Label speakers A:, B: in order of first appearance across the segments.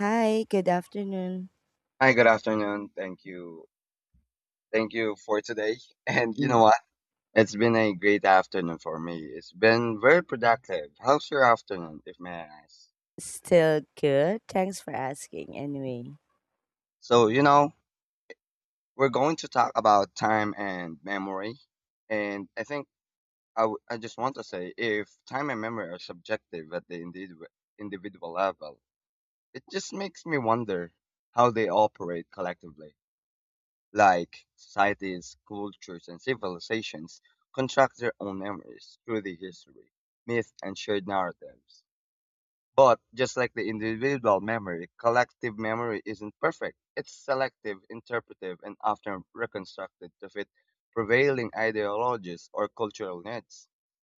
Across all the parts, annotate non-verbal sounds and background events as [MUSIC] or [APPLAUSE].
A: Hi, good afternoon.
B: Hi, good afternoon. Thank you. Thank you for today. [LAUGHS] And you
A: Mm.
B: know what? It's been a great afternoon for me. It's been very productive. How's your afternoon, if may I ask?
A: Still good. Thanks for asking anyway.
B: So, you know, we're going to talk about time and memory. And I think I just want to say if time and memory are subjective at the individual level, it just makes me wonder how they operate collectively, like societies, cultures, and civilizations construct their own memories through the history, myth, and shared narratives. But just like the individual memory, collective memory isn't perfect. It's selective, interpretive, and often reconstructed to fit prevailing ideologies or cultural needs.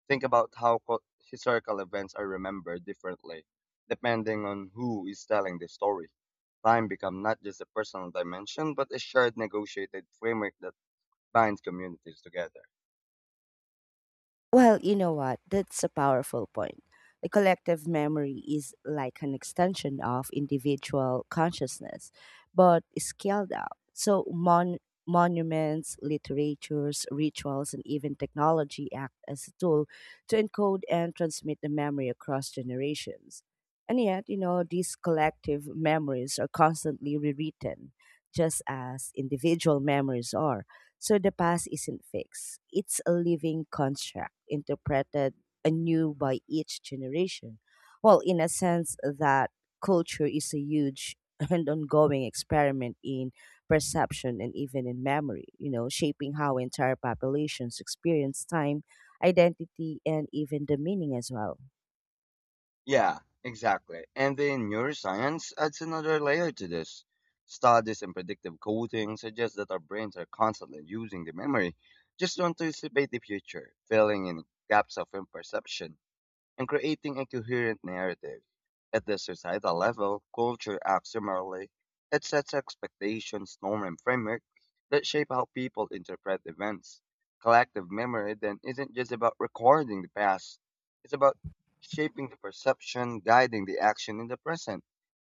B: Think about how historical events are remembered differently depending on who is telling the story. Time becomes not just a personal dimension, but a shared negotiated framework that binds communities together.
A: Well, you know what? That's a powerful point. The collective memory is like an extension of individual consciousness, but scaled up. So, monuments, literatures, rituals, and even technology act as a tool to encode and transmit the memory across generations. And yet, you know, these collective memories are constantly rewritten, just as individual memories are so the past isn't fixed, it's a living construct interpreted anew by each generation. Well, in a sense, that culture is a huge [LAUGHS] and ongoing experiment in perception and even in memory, you know, shaping how entire populations experience time, identity, and even the meaning as well.
B: Yeah, exactly. And then neuroscience adds another layer to this. Studies in predictive coding suggest that our brains are constantly using the memory just to anticipate the future, filling in gaps of imperception and creating a coherent narrative. At the societal level, culture acts similarly. It sets expectations, norms, and frameworks that shape how people interpret events. Collective memory then isn't just about recording the past, it's about shaping the perception, guiding the action in the present.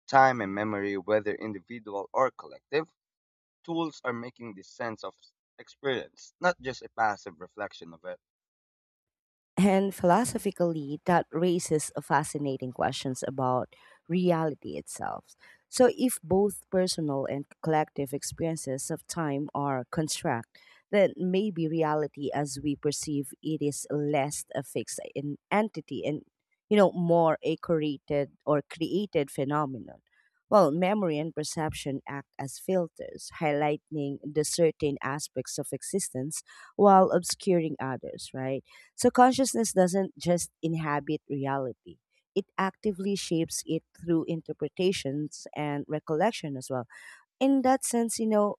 B: Time and memory, whether individual or collective, tools are making the sense of experience, not just a passive reflection of it.
A: And philosophically, that raises a fascinating questions about reality itself. So, if both personal and collective experiences of time are construct, then maybe reality as we perceive it is less a fixed entity and you know more a created or created phenomenon. Well, memory and perception act as filters, highlighting the certain aspects of existence while obscuring others, right? So consciousness doesn't just inhabit reality. It actively shapes it through interpretations and recollection as well. In that sense, you know,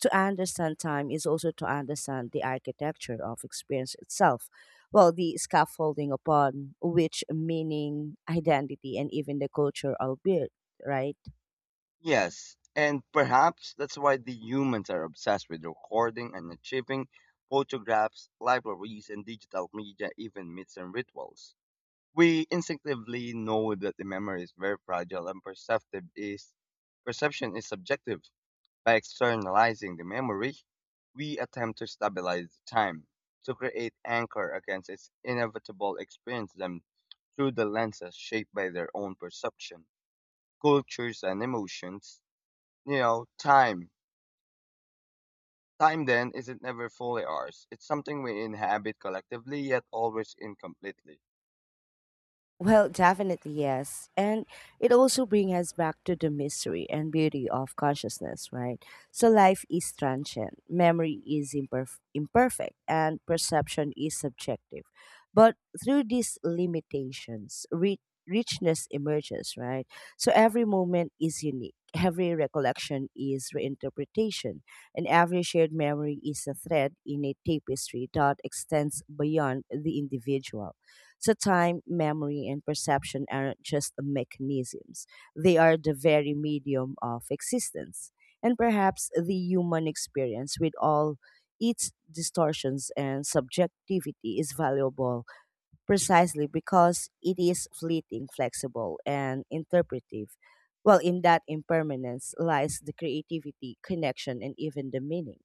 A: to understand time is also to understand the architecture of experience itself. Well, the scaffolding upon which meaning, [LAUGHS] identity, and even the culture are built, right?
B: Yes, and perhaps that's why the humans are obsessed with recording and achieving photographs, libraries, and digital media, even myths and rituals. We instinctively know that the memory is very fragile and perceptive is perception is subjective. By externalizing the memory, we attempt to stabilize time, to create anchor against its inevitable experience them through the lenses shaped by their own perception, cultures and emotions, you know, time. Time then isn't never fully ours. It's something we inhabit collectively yet always incompletely.
A: Well, definitely yes. And it also brings us back to the mystery and beauty of consciousness, right? So life is transient, memory is imperfect, and perception is subjective. But through these limitations, richness emerges, right? So every moment is unique. Every recollection is reinterpretation, and every shared memory is a thread in a tapestry that extends beyond the individual. So, time, memory, and perception aren't just mechanisms, they are the very medium of existence. And perhaps the human experience, with all its distortions and subjectivity, is valuable precisely because it is fleeting, flexible, and interpretive. Well, in that impermanence lies the creativity, connection, and even the meaning.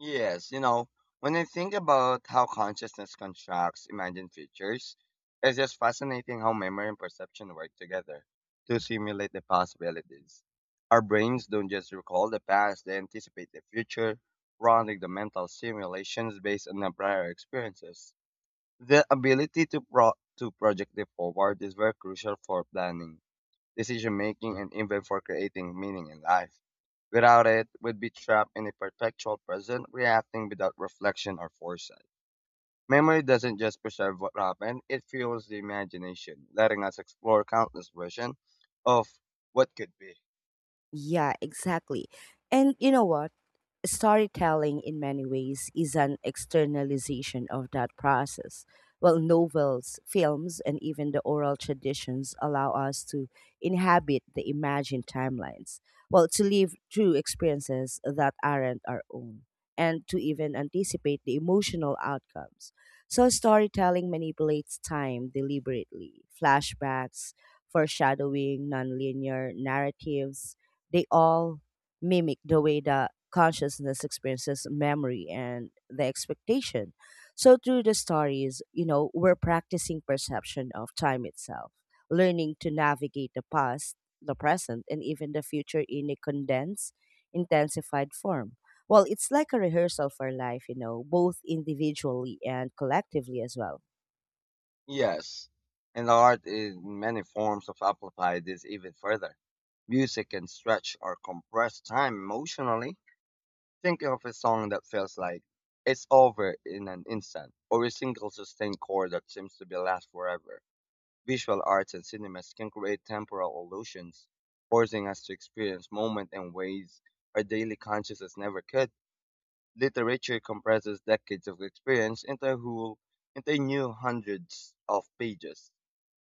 B: Yes, you know, when I think about how consciousness constructs imagined futures, it's just fascinating how memory and perception work together to simulate the possibilities. Our brains don't just recall the past, they anticipate the future, running the mental simulations based on the prior experiences. The ability to project the forward is very crucial for planning decision making, and even for creating meaning in life. Without it, we'd be trapped in a perpetual present, reacting without reflection or foresight. Memory doesn't just preserve what happened, it fuels the imagination, letting us explore countless versions of what could be.
A: Yeah, exactly. And you know what? Storytelling, in many ways, is an externalization of that process. While novels, films, and even the oral traditions allow us to inhabit the imagined timelines, well, to live through experiences that aren't our own, and to even anticipate the emotional outcomes. So, storytelling manipulates time deliberately. Flashbacks, foreshadowing, nonlinear narratives, they all mimic the way that consciousness experiences memory and the expectation. So through the stories, you know, we're practicing perception of time itself, learning to navigate the past, the present, and even the future in a condensed, intensified form. Well, it's like a rehearsal for life, you know, both individually and collectively as well.
B: Yes, and the art in many forms of amplify this even further. Music can stretch or compress time emotionally. Think of a song that feels like it's over in an instant, or a single sustained chord that seems to be last forever. Visual arts and cinemas can create temporal illusions, forcing us to experience moment in ways our daily consciousness never could. Literature compresses decades of experience into a whole, into a new hundreds of pages.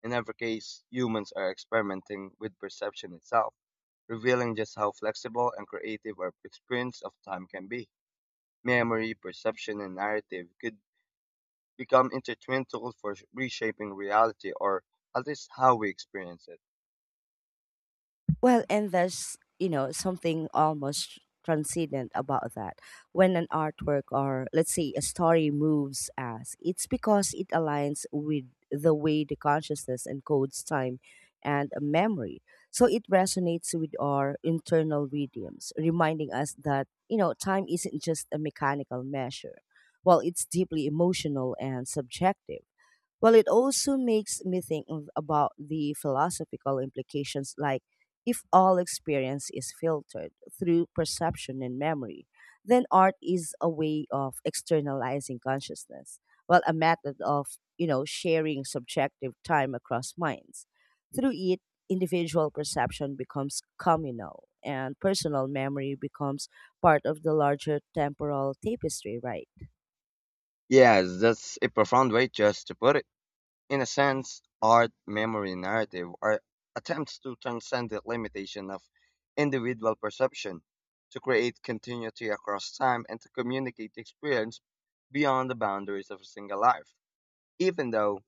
B: In every case, humans are experimenting with perception itself, revealing just how flexible and creative our experience of time can be. Memory, perception, and narrative could become intertwined tools for reshaping reality or at least how we experience it.
A: Well, and there's, you know, something almost transcendent about that. When an artwork or, let's say, a story moves us, it's because it aligns with the way the consciousness encodes time and memory. So it resonates with our internal rhythms, reminding us that, you know, time isn't just a mechanical measure. Well, it's deeply emotional and subjective. Well, it also makes me about the philosophical implications like if all experience is filtered through perception and memory, then art is a way of externalizing consciousness, well, a method of, you know, sharing subjective time across minds. Through it, individual perception becomes communal and personal memory becomes part of the larger temporal tapestry, right?
B: Yes, that's a profound way just to put it. In a sense, art, memory, and narrative are attempts to transcend the limitation of individual perception, to create continuity across time, and to communicate experience beyond the boundaries of a single life. Even though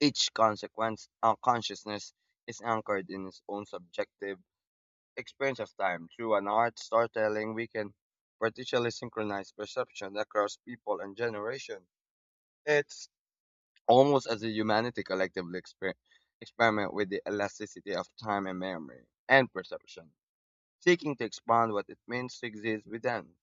B: each consciousness is anchored in its own subjective experience of time through an art storytelling, we can partially synchronize perception across people and generation. It's almost as a humanity collectively experiment with the elasticity of time and memory and perception, seeking to expand what it means to exist within.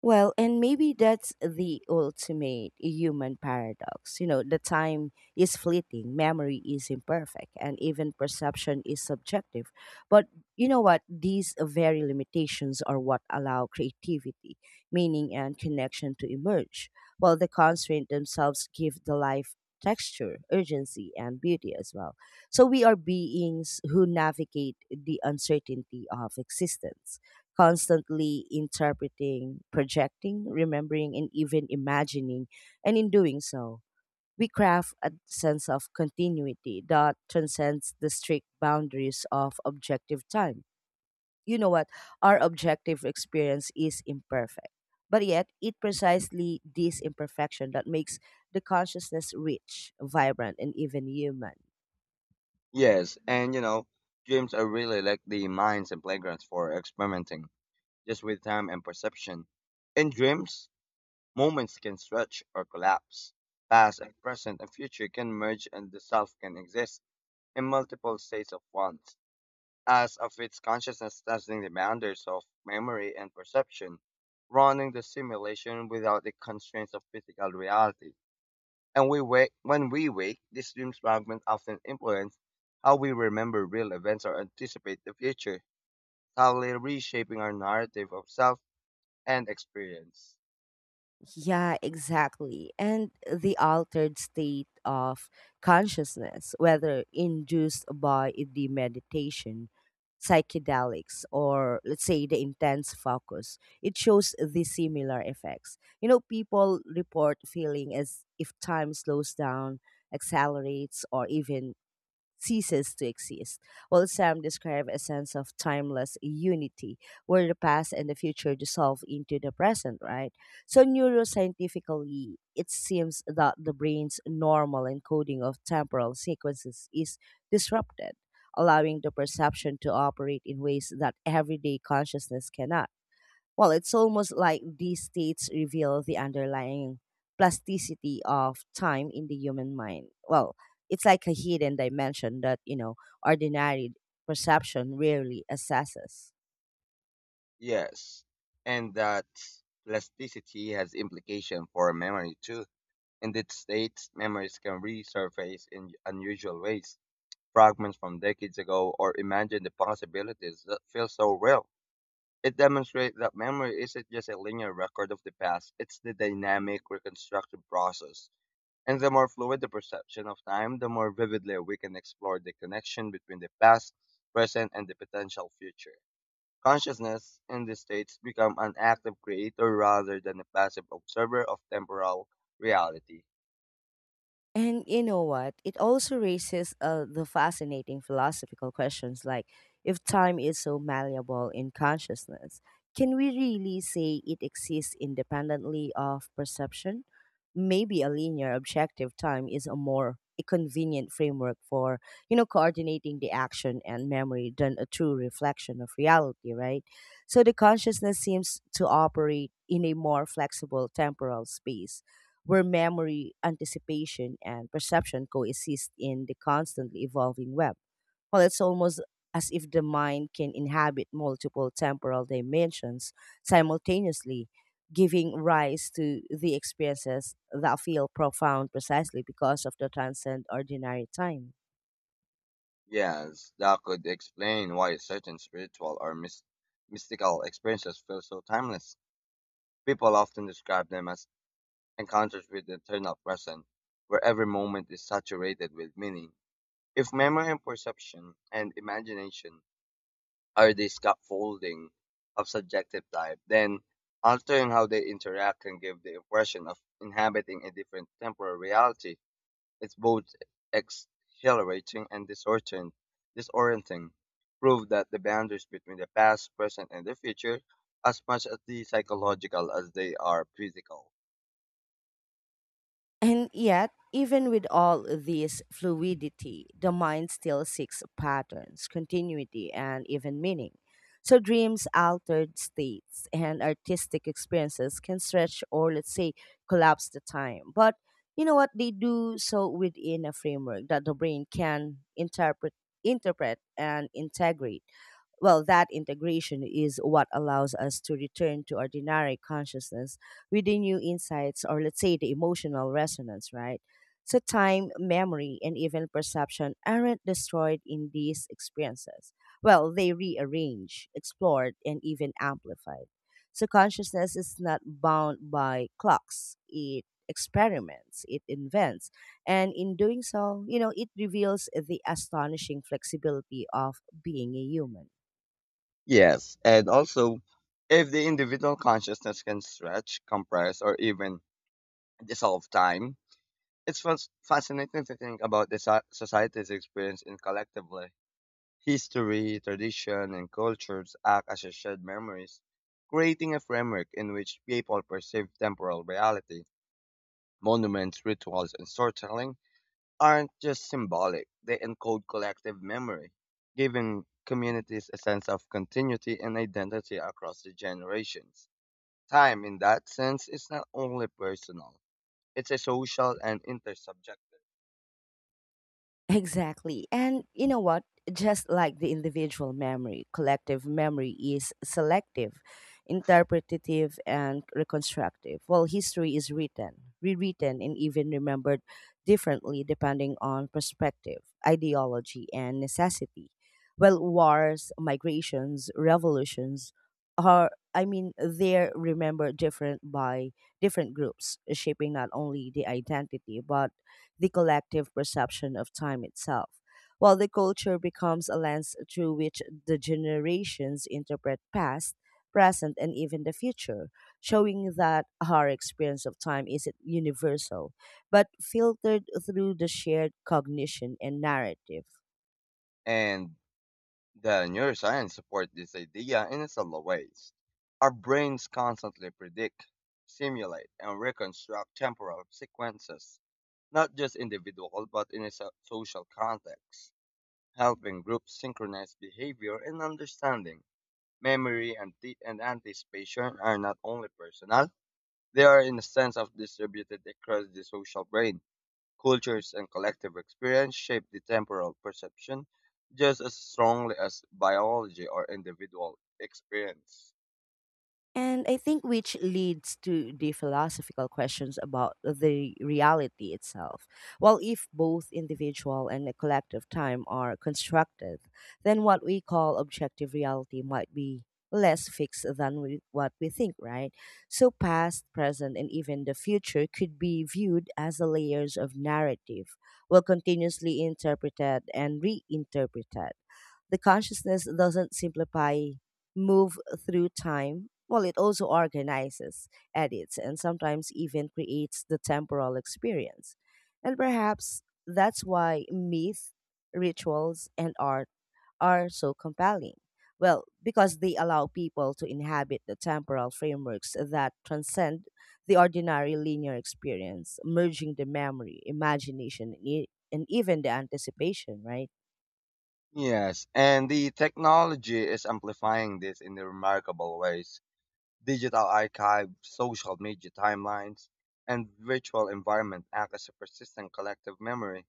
A: Well, and maybe that's the ultimate human paradox. You know, the time is fleeting, memory is imperfect, and even perception is subjective. But you know what? These very limitations are what allow creativity, meaning, and connection to emerge, while the constraints themselves give the life texture, urgency, and beauty as well. So we are beings who navigate the uncertainty of existence constantly interpreting, projecting, remembering, and even imagining. And in doing so, we craft a sense of continuity that transcends the strict boundaries of objective time. You know what? Our objective experience is imperfect, but yet it precisely this imperfection that makes the consciousness rich, vibrant, and even human.
B: Yes, and you know, dreams are really like the minds and playgrounds for experimenting just with time and perception. In dreams, moments can stretch or collapse. Past and present and future can merge and the self can exist in multiple states of once, as of its consciousness testing the boundaries of memory and perception, running the simulation without the constraints of physical reality. When we wake, these dreams fragments often influence how we remember real events or anticipate the future, subtly reshaping our narrative of self and experience.
A: Yeah, exactly. And the altered state of consciousness, whether induced by the meditation, psychedelics, or let's say the intense focus, it shows the similar effects. You know, people report feeling as if time slows down, accelerates, or even ceases to exist, while some describe a sense of timeless unity where the past and the future dissolve into the present, right? So, neuroscientifically, it seems that the brain's normal encoding of temporal sequences is disrupted, allowing the perception to operate in ways that everyday consciousness cannot. Well, it's almost like these states reveal the underlying plasticity of time in the human mind. Well, it's like a hidden dimension that, you know, ordinary perception rarely assesses.
B: Yes, and that plasticity has implication for memory too. In it states, memories can resurface in unusual ways, fragments from decades ago, or imagine the possibilities that feel so real. It demonstrates that memory isn't just a linear record of the past, it's the dynamic reconstructive process. And the more fluid the perception of time, the more vividly we can explore the connection between the past, present, and the potential future. Consciousness, in these states, becomes an active creator rather than a passive observer of temporal reality.
A: And you know what? It also raises the fascinating philosophical questions like if time is so malleable in consciousness, can we really say it exists independently of perception? Maybe a linear objective time is a more a convenient framework for you know coordinating the action and memory than a true reflection of reality right so the consciousness seems to operate in a more flexible temporal space where memory, anticipation, and perception coexist in the constantly evolving web. Well, it's almost as if the mind can inhabit multiple temporal dimensions simultaneously, giving rise to the experiences that feel profound precisely because of the transcend ordinary time.
B: Yes, that could explain why certain spiritual or mystical experiences feel so timeless. People often describe them as encounters with the eternal present, where every moment is saturated with meaning. If memory and perception and imagination are the scaffolding of subjective type, then altering how they interact can give the impression of inhabiting a different temporal reality. It's both exhilarating and disorienting. Prove that the boundaries between the past, present, and the future as much as the psychological as they are physical.
A: And yet, even with all this fluidity, the mind still seeks patterns, continuity, and even meaning. So, dreams, altered states, and artistic experiences can stretch or, let's say, collapse the time. But you know what? They do so within a framework that the brain can interpret and integrate. Well, that integration is what allows us to return to ordinary consciousness with the new insights or, let's say, the emotional resonance, right? So, time, memory, and even perception aren't destroyed in these experiences. Well, they rearrange, explored, and even amplified. So, consciousness is not bound by clocks, it experiments, it invents, and in doing so, you know, it reveals the astonishing flexibility of being a human.
B: Yes, and also if the individual consciousness can stretch, compress, or even dissolve time, it's fascinating to think about the society's experience in collectively. History, tradition, and cultures act as shared memories, creating a framework in which people perceive temporal reality. Monuments, rituals, and storytelling aren't just symbolic, they encode collective memory, giving communities a sense of continuity and identity across the generations. Time, in that sense, is not only personal, it's a social and intersubjective.
A: Exactly. And you know what? Just like the individual memory, collective memory is selective, interpretative, and reconstructive. While history is written, rewritten, and even remembered differently depending on perspective, ideology, and necessity. Well, wars, migrations, revolutions are, I mean, they're remembered different by different groups, shaping not only the identity but the collective perception of time itself, while the culture becomes a lens through which the generations interpret past, present, and even the future, showing that our experience of time isn't universal, but filtered through the shared cognition and narrative.
B: And the neuroscience support this idea in several ways. Our brains constantly predict, simulate, and reconstruct temporal sequences, not just individual but in a social context, helping groups synchronize behavior and understanding. Memory and anticipation are not only personal, they are in a sense of distributed across the social brain. Cultures and collective experience shape the temporal perception just as strongly as biology or individual experience.
A: And I think which leads to the philosophical questions about the reality itself. Well, if both individual and the collective time are constructed, then what we call objective reality might be less fixed than we, what we think, right? So, past, present, and even the future could be viewed as the layers of narrative, well, continuously interpreted and reinterpreted. The consciousness doesn't simplify, move through time. Well, it also organizes, edits, and sometimes even creates the temporal experience. And perhaps that's why myth, rituals, and art are so compelling. Well, because they allow people to inhabit the temporal frameworks that transcend the ordinary linear experience, merging the memory, imagination, and, and even the anticipation, right?
B: Yes, and the technology is amplifying this in remarkable ways. Digital archives, social media timelines, and virtual environment act as a persistent collective memory.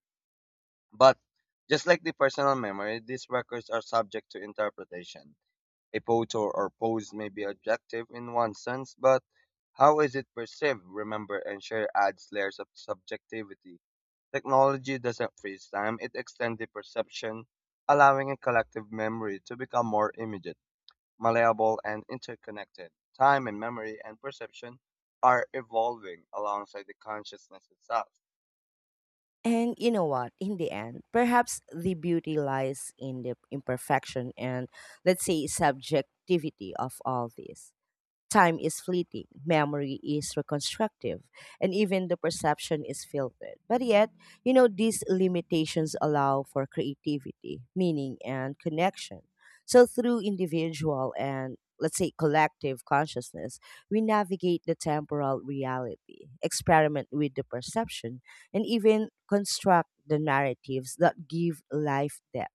B: But just like the personal memory, these records are subject to interpretation. A pose or pose may be objective in one sense, but how is it perceived, remember and share adds layers of subjectivity. Technology doesn't freeze time, it extends the perception, allowing a collective memory to become more immediate, malleable, and interconnected. Time and memory and perception are evolving alongside the consciousness itself.
A: And you know what? In the end, perhaps the beauty lies in the imperfection and, let's say, subjectivity of all this. Time is fleeting, memory is reconstructive, and even the perception is filtered. But yet, you know, these limitations allow for creativity, meaning, and connection. So, through individual and let's say collective consciousness, we navigate the temporal reality, experiment with the perception, and even construct the narratives that give life depth.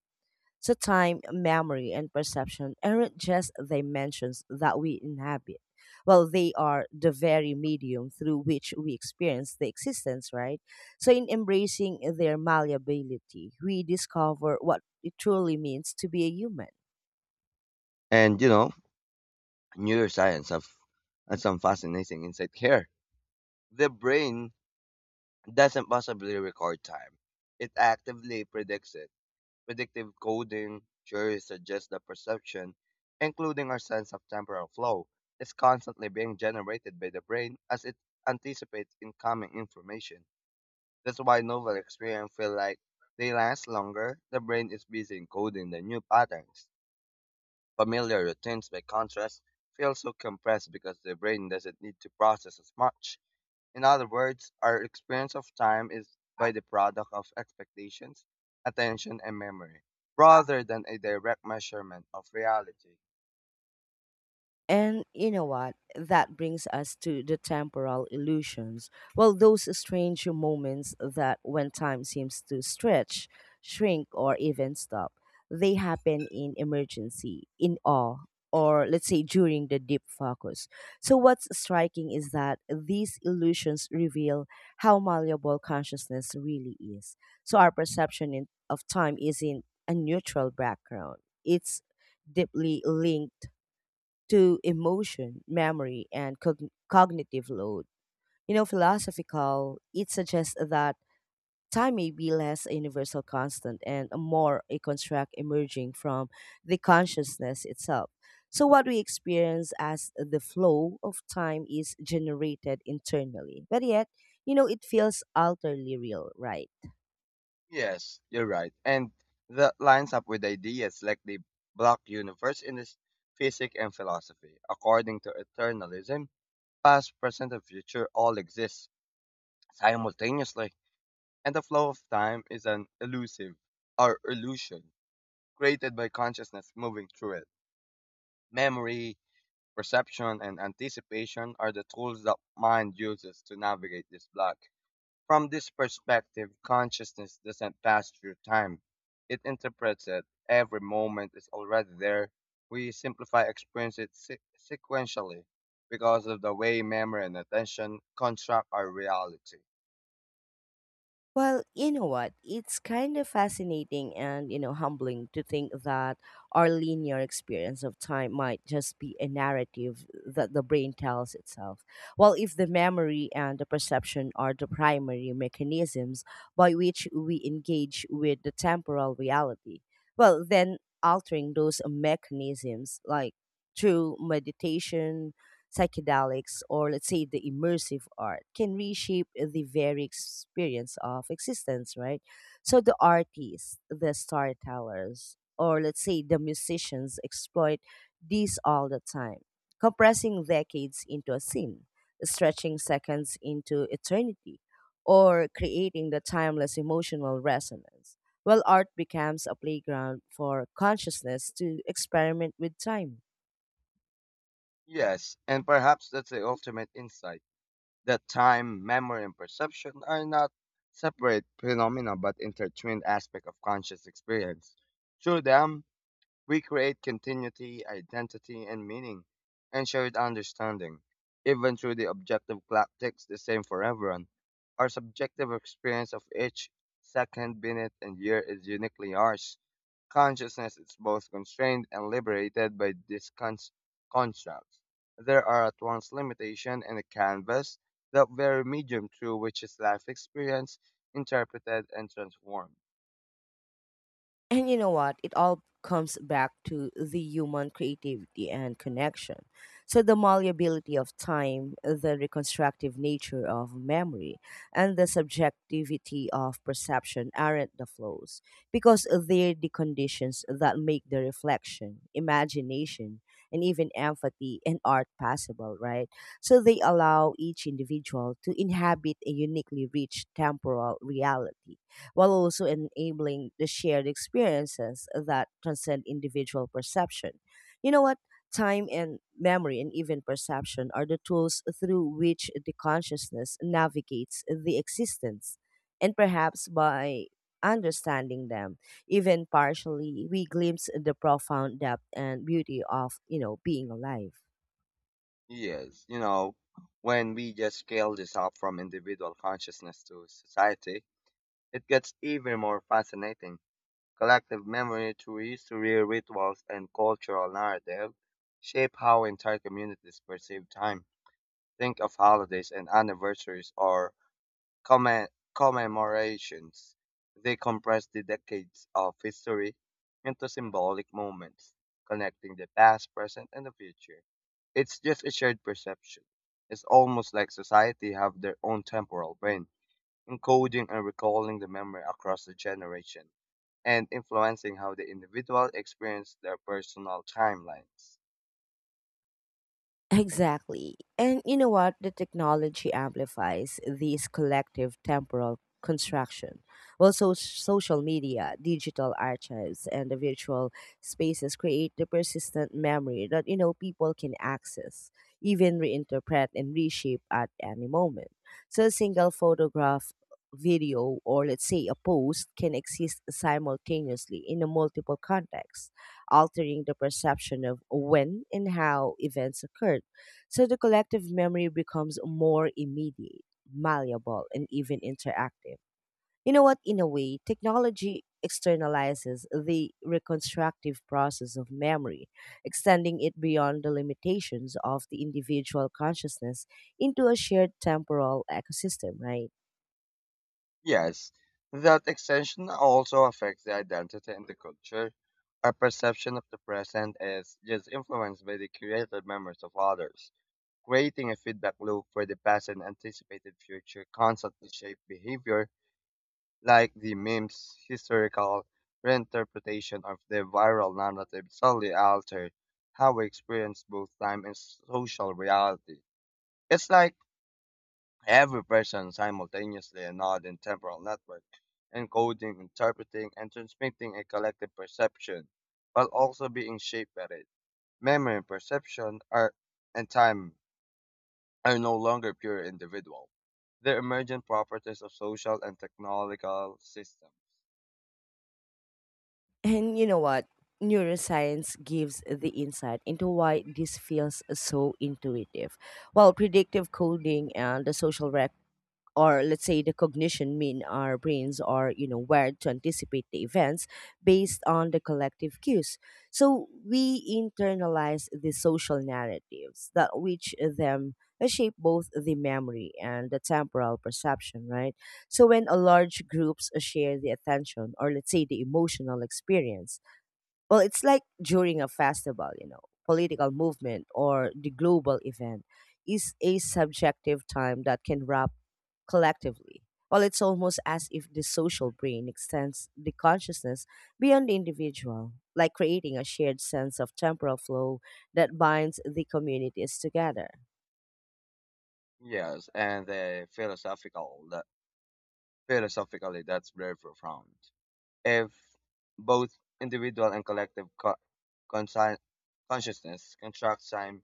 A: So, time, memory, and perception aren't just dimensions that we inhabit. Well, they are the very medium through which we experience the existence, right? So, in embracing their malleability, we discover what it truly means to be a human.
B: And you know, neuroscience have, has some fascinating insight here. The brain doesn't possibly record time. It actively predicts it. Predictive coding surely suggests the perception, including our sense of temporal flow, is constantly being generated by the brain as it anticipates incoming information. That's why novel experiences feel like they last longer. The brain is busy encoding the new patterns. Familiar routines, by contrast, feel so compressed because the brain doesn't need to process as much. In other words, our experience of time is by the product of expectations, attention, and memory, rather than a direct measurement of reality.
A: And you know what? That brings us to the temporal illusions. Well, those strange moments that when time seems to stretch, shrink, or even stop, they happen in emergency, in awe, or let's say during the deep focus. So, what's striking is that these illusions reveal how malleable consciousness really is. So, our perception in, of time isn't a neutral background, it's deeply linked to emotion, memory, and cognitive load. You know, philosophical, it suggests that time may be less a universal constant and a more a construct emerging from the consciousness itself. So, what we experience as the flow of time is generated internally, but yet, you know, it feels utterly real, right?
B: Yes, you're right. And that lines up with ideas like the block universe in this physics and philosophy. According to eternalism, past, present, and future all exist simultaneously, and the flow of time is an elusive or illusion created by consciousness moving through it. Memory, perception and anticipation are the tools that mind uses to navigate this block. From this perspective, consciousness doesn't pass through time. It interprets it. Every moment is already there. We simplify sequentially because of the way memory and attention construct our reality.
A: Well, you know what? It's kind of fascinating and, you know, humbling to think that our linear experience of time might just be a narrative that the brain tells itself. Well, if the memory and the perception are the primary mechanisms by which we engage with the temporal reality, well, then altering those mechanisms, like through meditation, psychedelics, or let's say the immersive art, can reshape the very experience of existence, right? So the artists, the storytellers, or let's say the musicians exploit these all the time, compressing decades into a scene, stretching seconds into eternity, or creating the timeless emotional resonance. Well, art becomes a playground for consciousness to experiment with time.
B: Yes, and perhaps that's the ultimate insight that time, memory, and perception are not separate phenomena but intertwined aspects of conscious experience. Through them, we create continuity, identity, and meaning, and shared understanding. Even through the objective clock ticks the same for everyone, our subjective experience of each second, minute, and year is uniquely ours. Consciousness is both constrained and liberated by these constructs. There are at once limitation and a canvas, the very medium through which is life experience interpreted and transformed.
A: And you know what? It all comes back to the human creativity and connection. So, the malleability of time, the reconstructive nature of memory, and the subjectivity of perception aren't the flows because they're the conditions that make the reflection, imagination, and even empathy and art possible, right? So, they allow each individual to inhabit a uniquely rich temporal reality while also enabling the shared experiences that transcend individual perception. You know what? Time and memory and even perception are the tools through which the consciousness navigates the existence. And perhaps by understanding them, even partially, we glimpse the profound depth and beauty of, you know, being alive.
B: Yes, you know, when we just scale this up from individual consciousness to society, it gets even more fascinating. Collective memory through history, rituals, and cultural narrative shape how entire communities perceive time. Think of holidays and anniversaries or Commen- commemorations. They compress the decades of history into symbolic moments, connecting the past, present, and the future. It's just a shared perception. It's almost like society have their own temporal brain, encoding and recalling the memory across the generation, and influencing how the individual experience their personal timelines.
A: Exactly. And you know what? The technology amplifies these collective temporal construction. Well, so social media, digital archives, and the virtual spaces create the persistent memory that, you know, people can access, even reinterpret and reshape at any moment. So a single photograph, video, or let's say a post can exist simultaneously in a multiple contexts altering the perception of when and how events occurred. So the collective memory becomes more immediate, malleable, and even interactive. You know what? In a way, technology externalizes the reconstructive process of memory, extending it beyond the limitations of the individual consciousness into a shared temporal ecosystem, right?
B: Yes, that extension also affects the identity and the culture. Our perception of the present is just influenced by the created memories of others, creating a feedback loop where the past and anticipated future constantly shape behavior, like the meme's historical reinterpretation of the viral narrative solely altered how we experience both time and social reality. It's like every person simultaneously a northern temporal network, encoding, interpreting, and transmitting a collective perception, while also being shaped by it. Memory and perception are and time are no longer pure individual. They're emergent properties of social and technological systems.
A: And you know what? Neuroscience gives the insight into why this feels so intuitive. While predictive coding and the social rep or let's say the cognition mean our brains are, you know, wired to anticipate the events based on the collective cues, so we internalize the social narratives that which them shape both the memory and the temporal perception, right? So when a large groups share the attention or let's say the emotional experience, well, it's like during a festival, you know, political movement or the global event, is a subjective time that can wrap collectively. Well, it's almost as if the social brain extends the consciousness beyond the individual, like creating a shared sense of temporal flow that binds the communities together.
B: Yes, and the philosophical that philosophically that's very profound. If both individual and collective consci- consciousness constructs time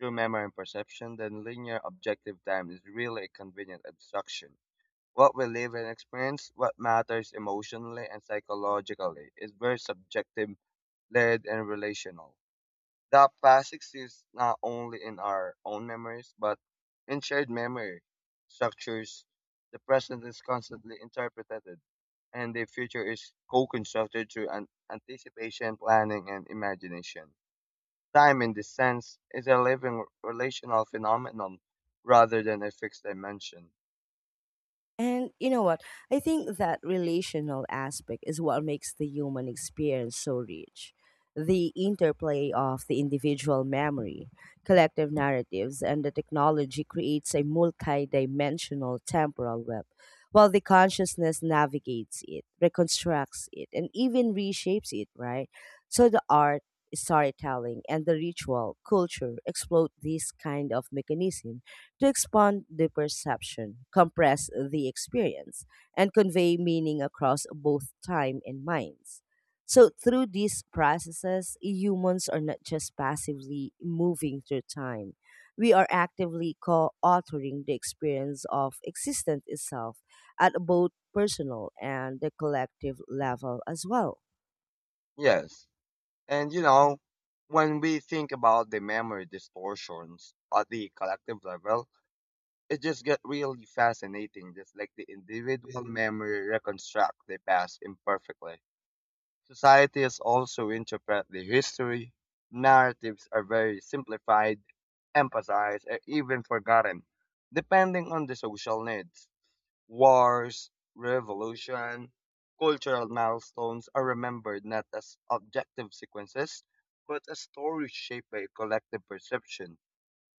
B: true memory and perception, then linear objective time is really a convenient abstraction. What we live and experience, what matters emotionally and psychologically, is very subjective, layered, and relational. That past exists not only in our own memories, but in shared memory structures. The present is constantly interpreted, and the future is co constructed through an anticipation, planning, and imagination. Time, in this sense, is a living relational phenomenon rather than a fixed dimension.
A: And you know what? I think that relational aspect is what makes the human experience so rich. The interplay of the individual memory, collective narratives, and the technology creates a multi dimensional temporal web, while the consciousness navigates it, reconstructs it, and even reshapes it, right? So the art, storytelling, and the ritual culture exploit this kind of mechanism to expand the perception, compress the experience, and convey meaning across both time and minds. So, through these processes, humans are not just passively moving through time. We are actively co authoring the experience of existence itself at both personal and the collective level as well.
B: Yes. And you know, when we think about the memory distortions at the collective level, it just gets really fascinating, just like the individual memory reconstruct the past imperfectly. Societies also interpret the history. Narratives are very simplified, emphasized, or even forgotten, depending on the social needs. Wars, revolution, cultural milestones are remembered not as objective sequences, but as stories shaped by collective perception.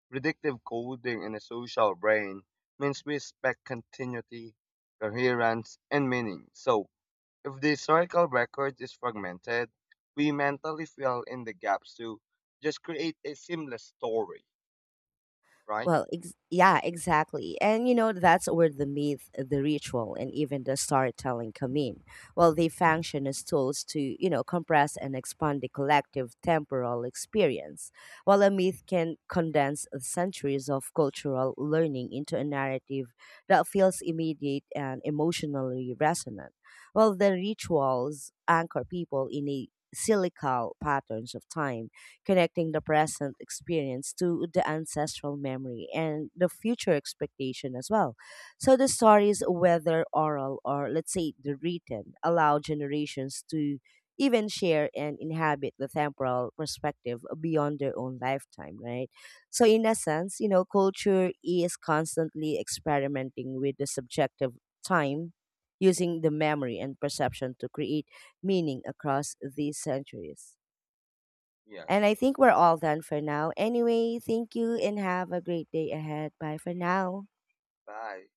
B: Predictive coding in a social brain means we expect continuity, coherence, and meaning. So, if the historical record is fragmented, we mentally fill in the gaps to just create a seamless story, right?
A: Yeah, exactly. And you know, that's where the myth, the ritual, and even the storytelling come in. Well, they function as tools to, you know, compress and expand the collective temporal experience. While a myth can condense centuries of cultural learning into a narrative that feels immediate and emotionally resonant. Well, the rituals anchor people in a cyclical patterns of time connecting the present experience to the ancestral memory and the future expectation as well. So the stories, whether oral or let's say the written, allow generations to even share and inhabit the temporal perspective beyond their own lifetime, right? So, in a sense, you know, culture is constantly experimenting with the subjective time using the memory and perception to create meaning across these centuries. And
B: Yes.
A: I think we're all done for now. Anyway, thank you and have a great day ahead. Bye for now.
B: Bye.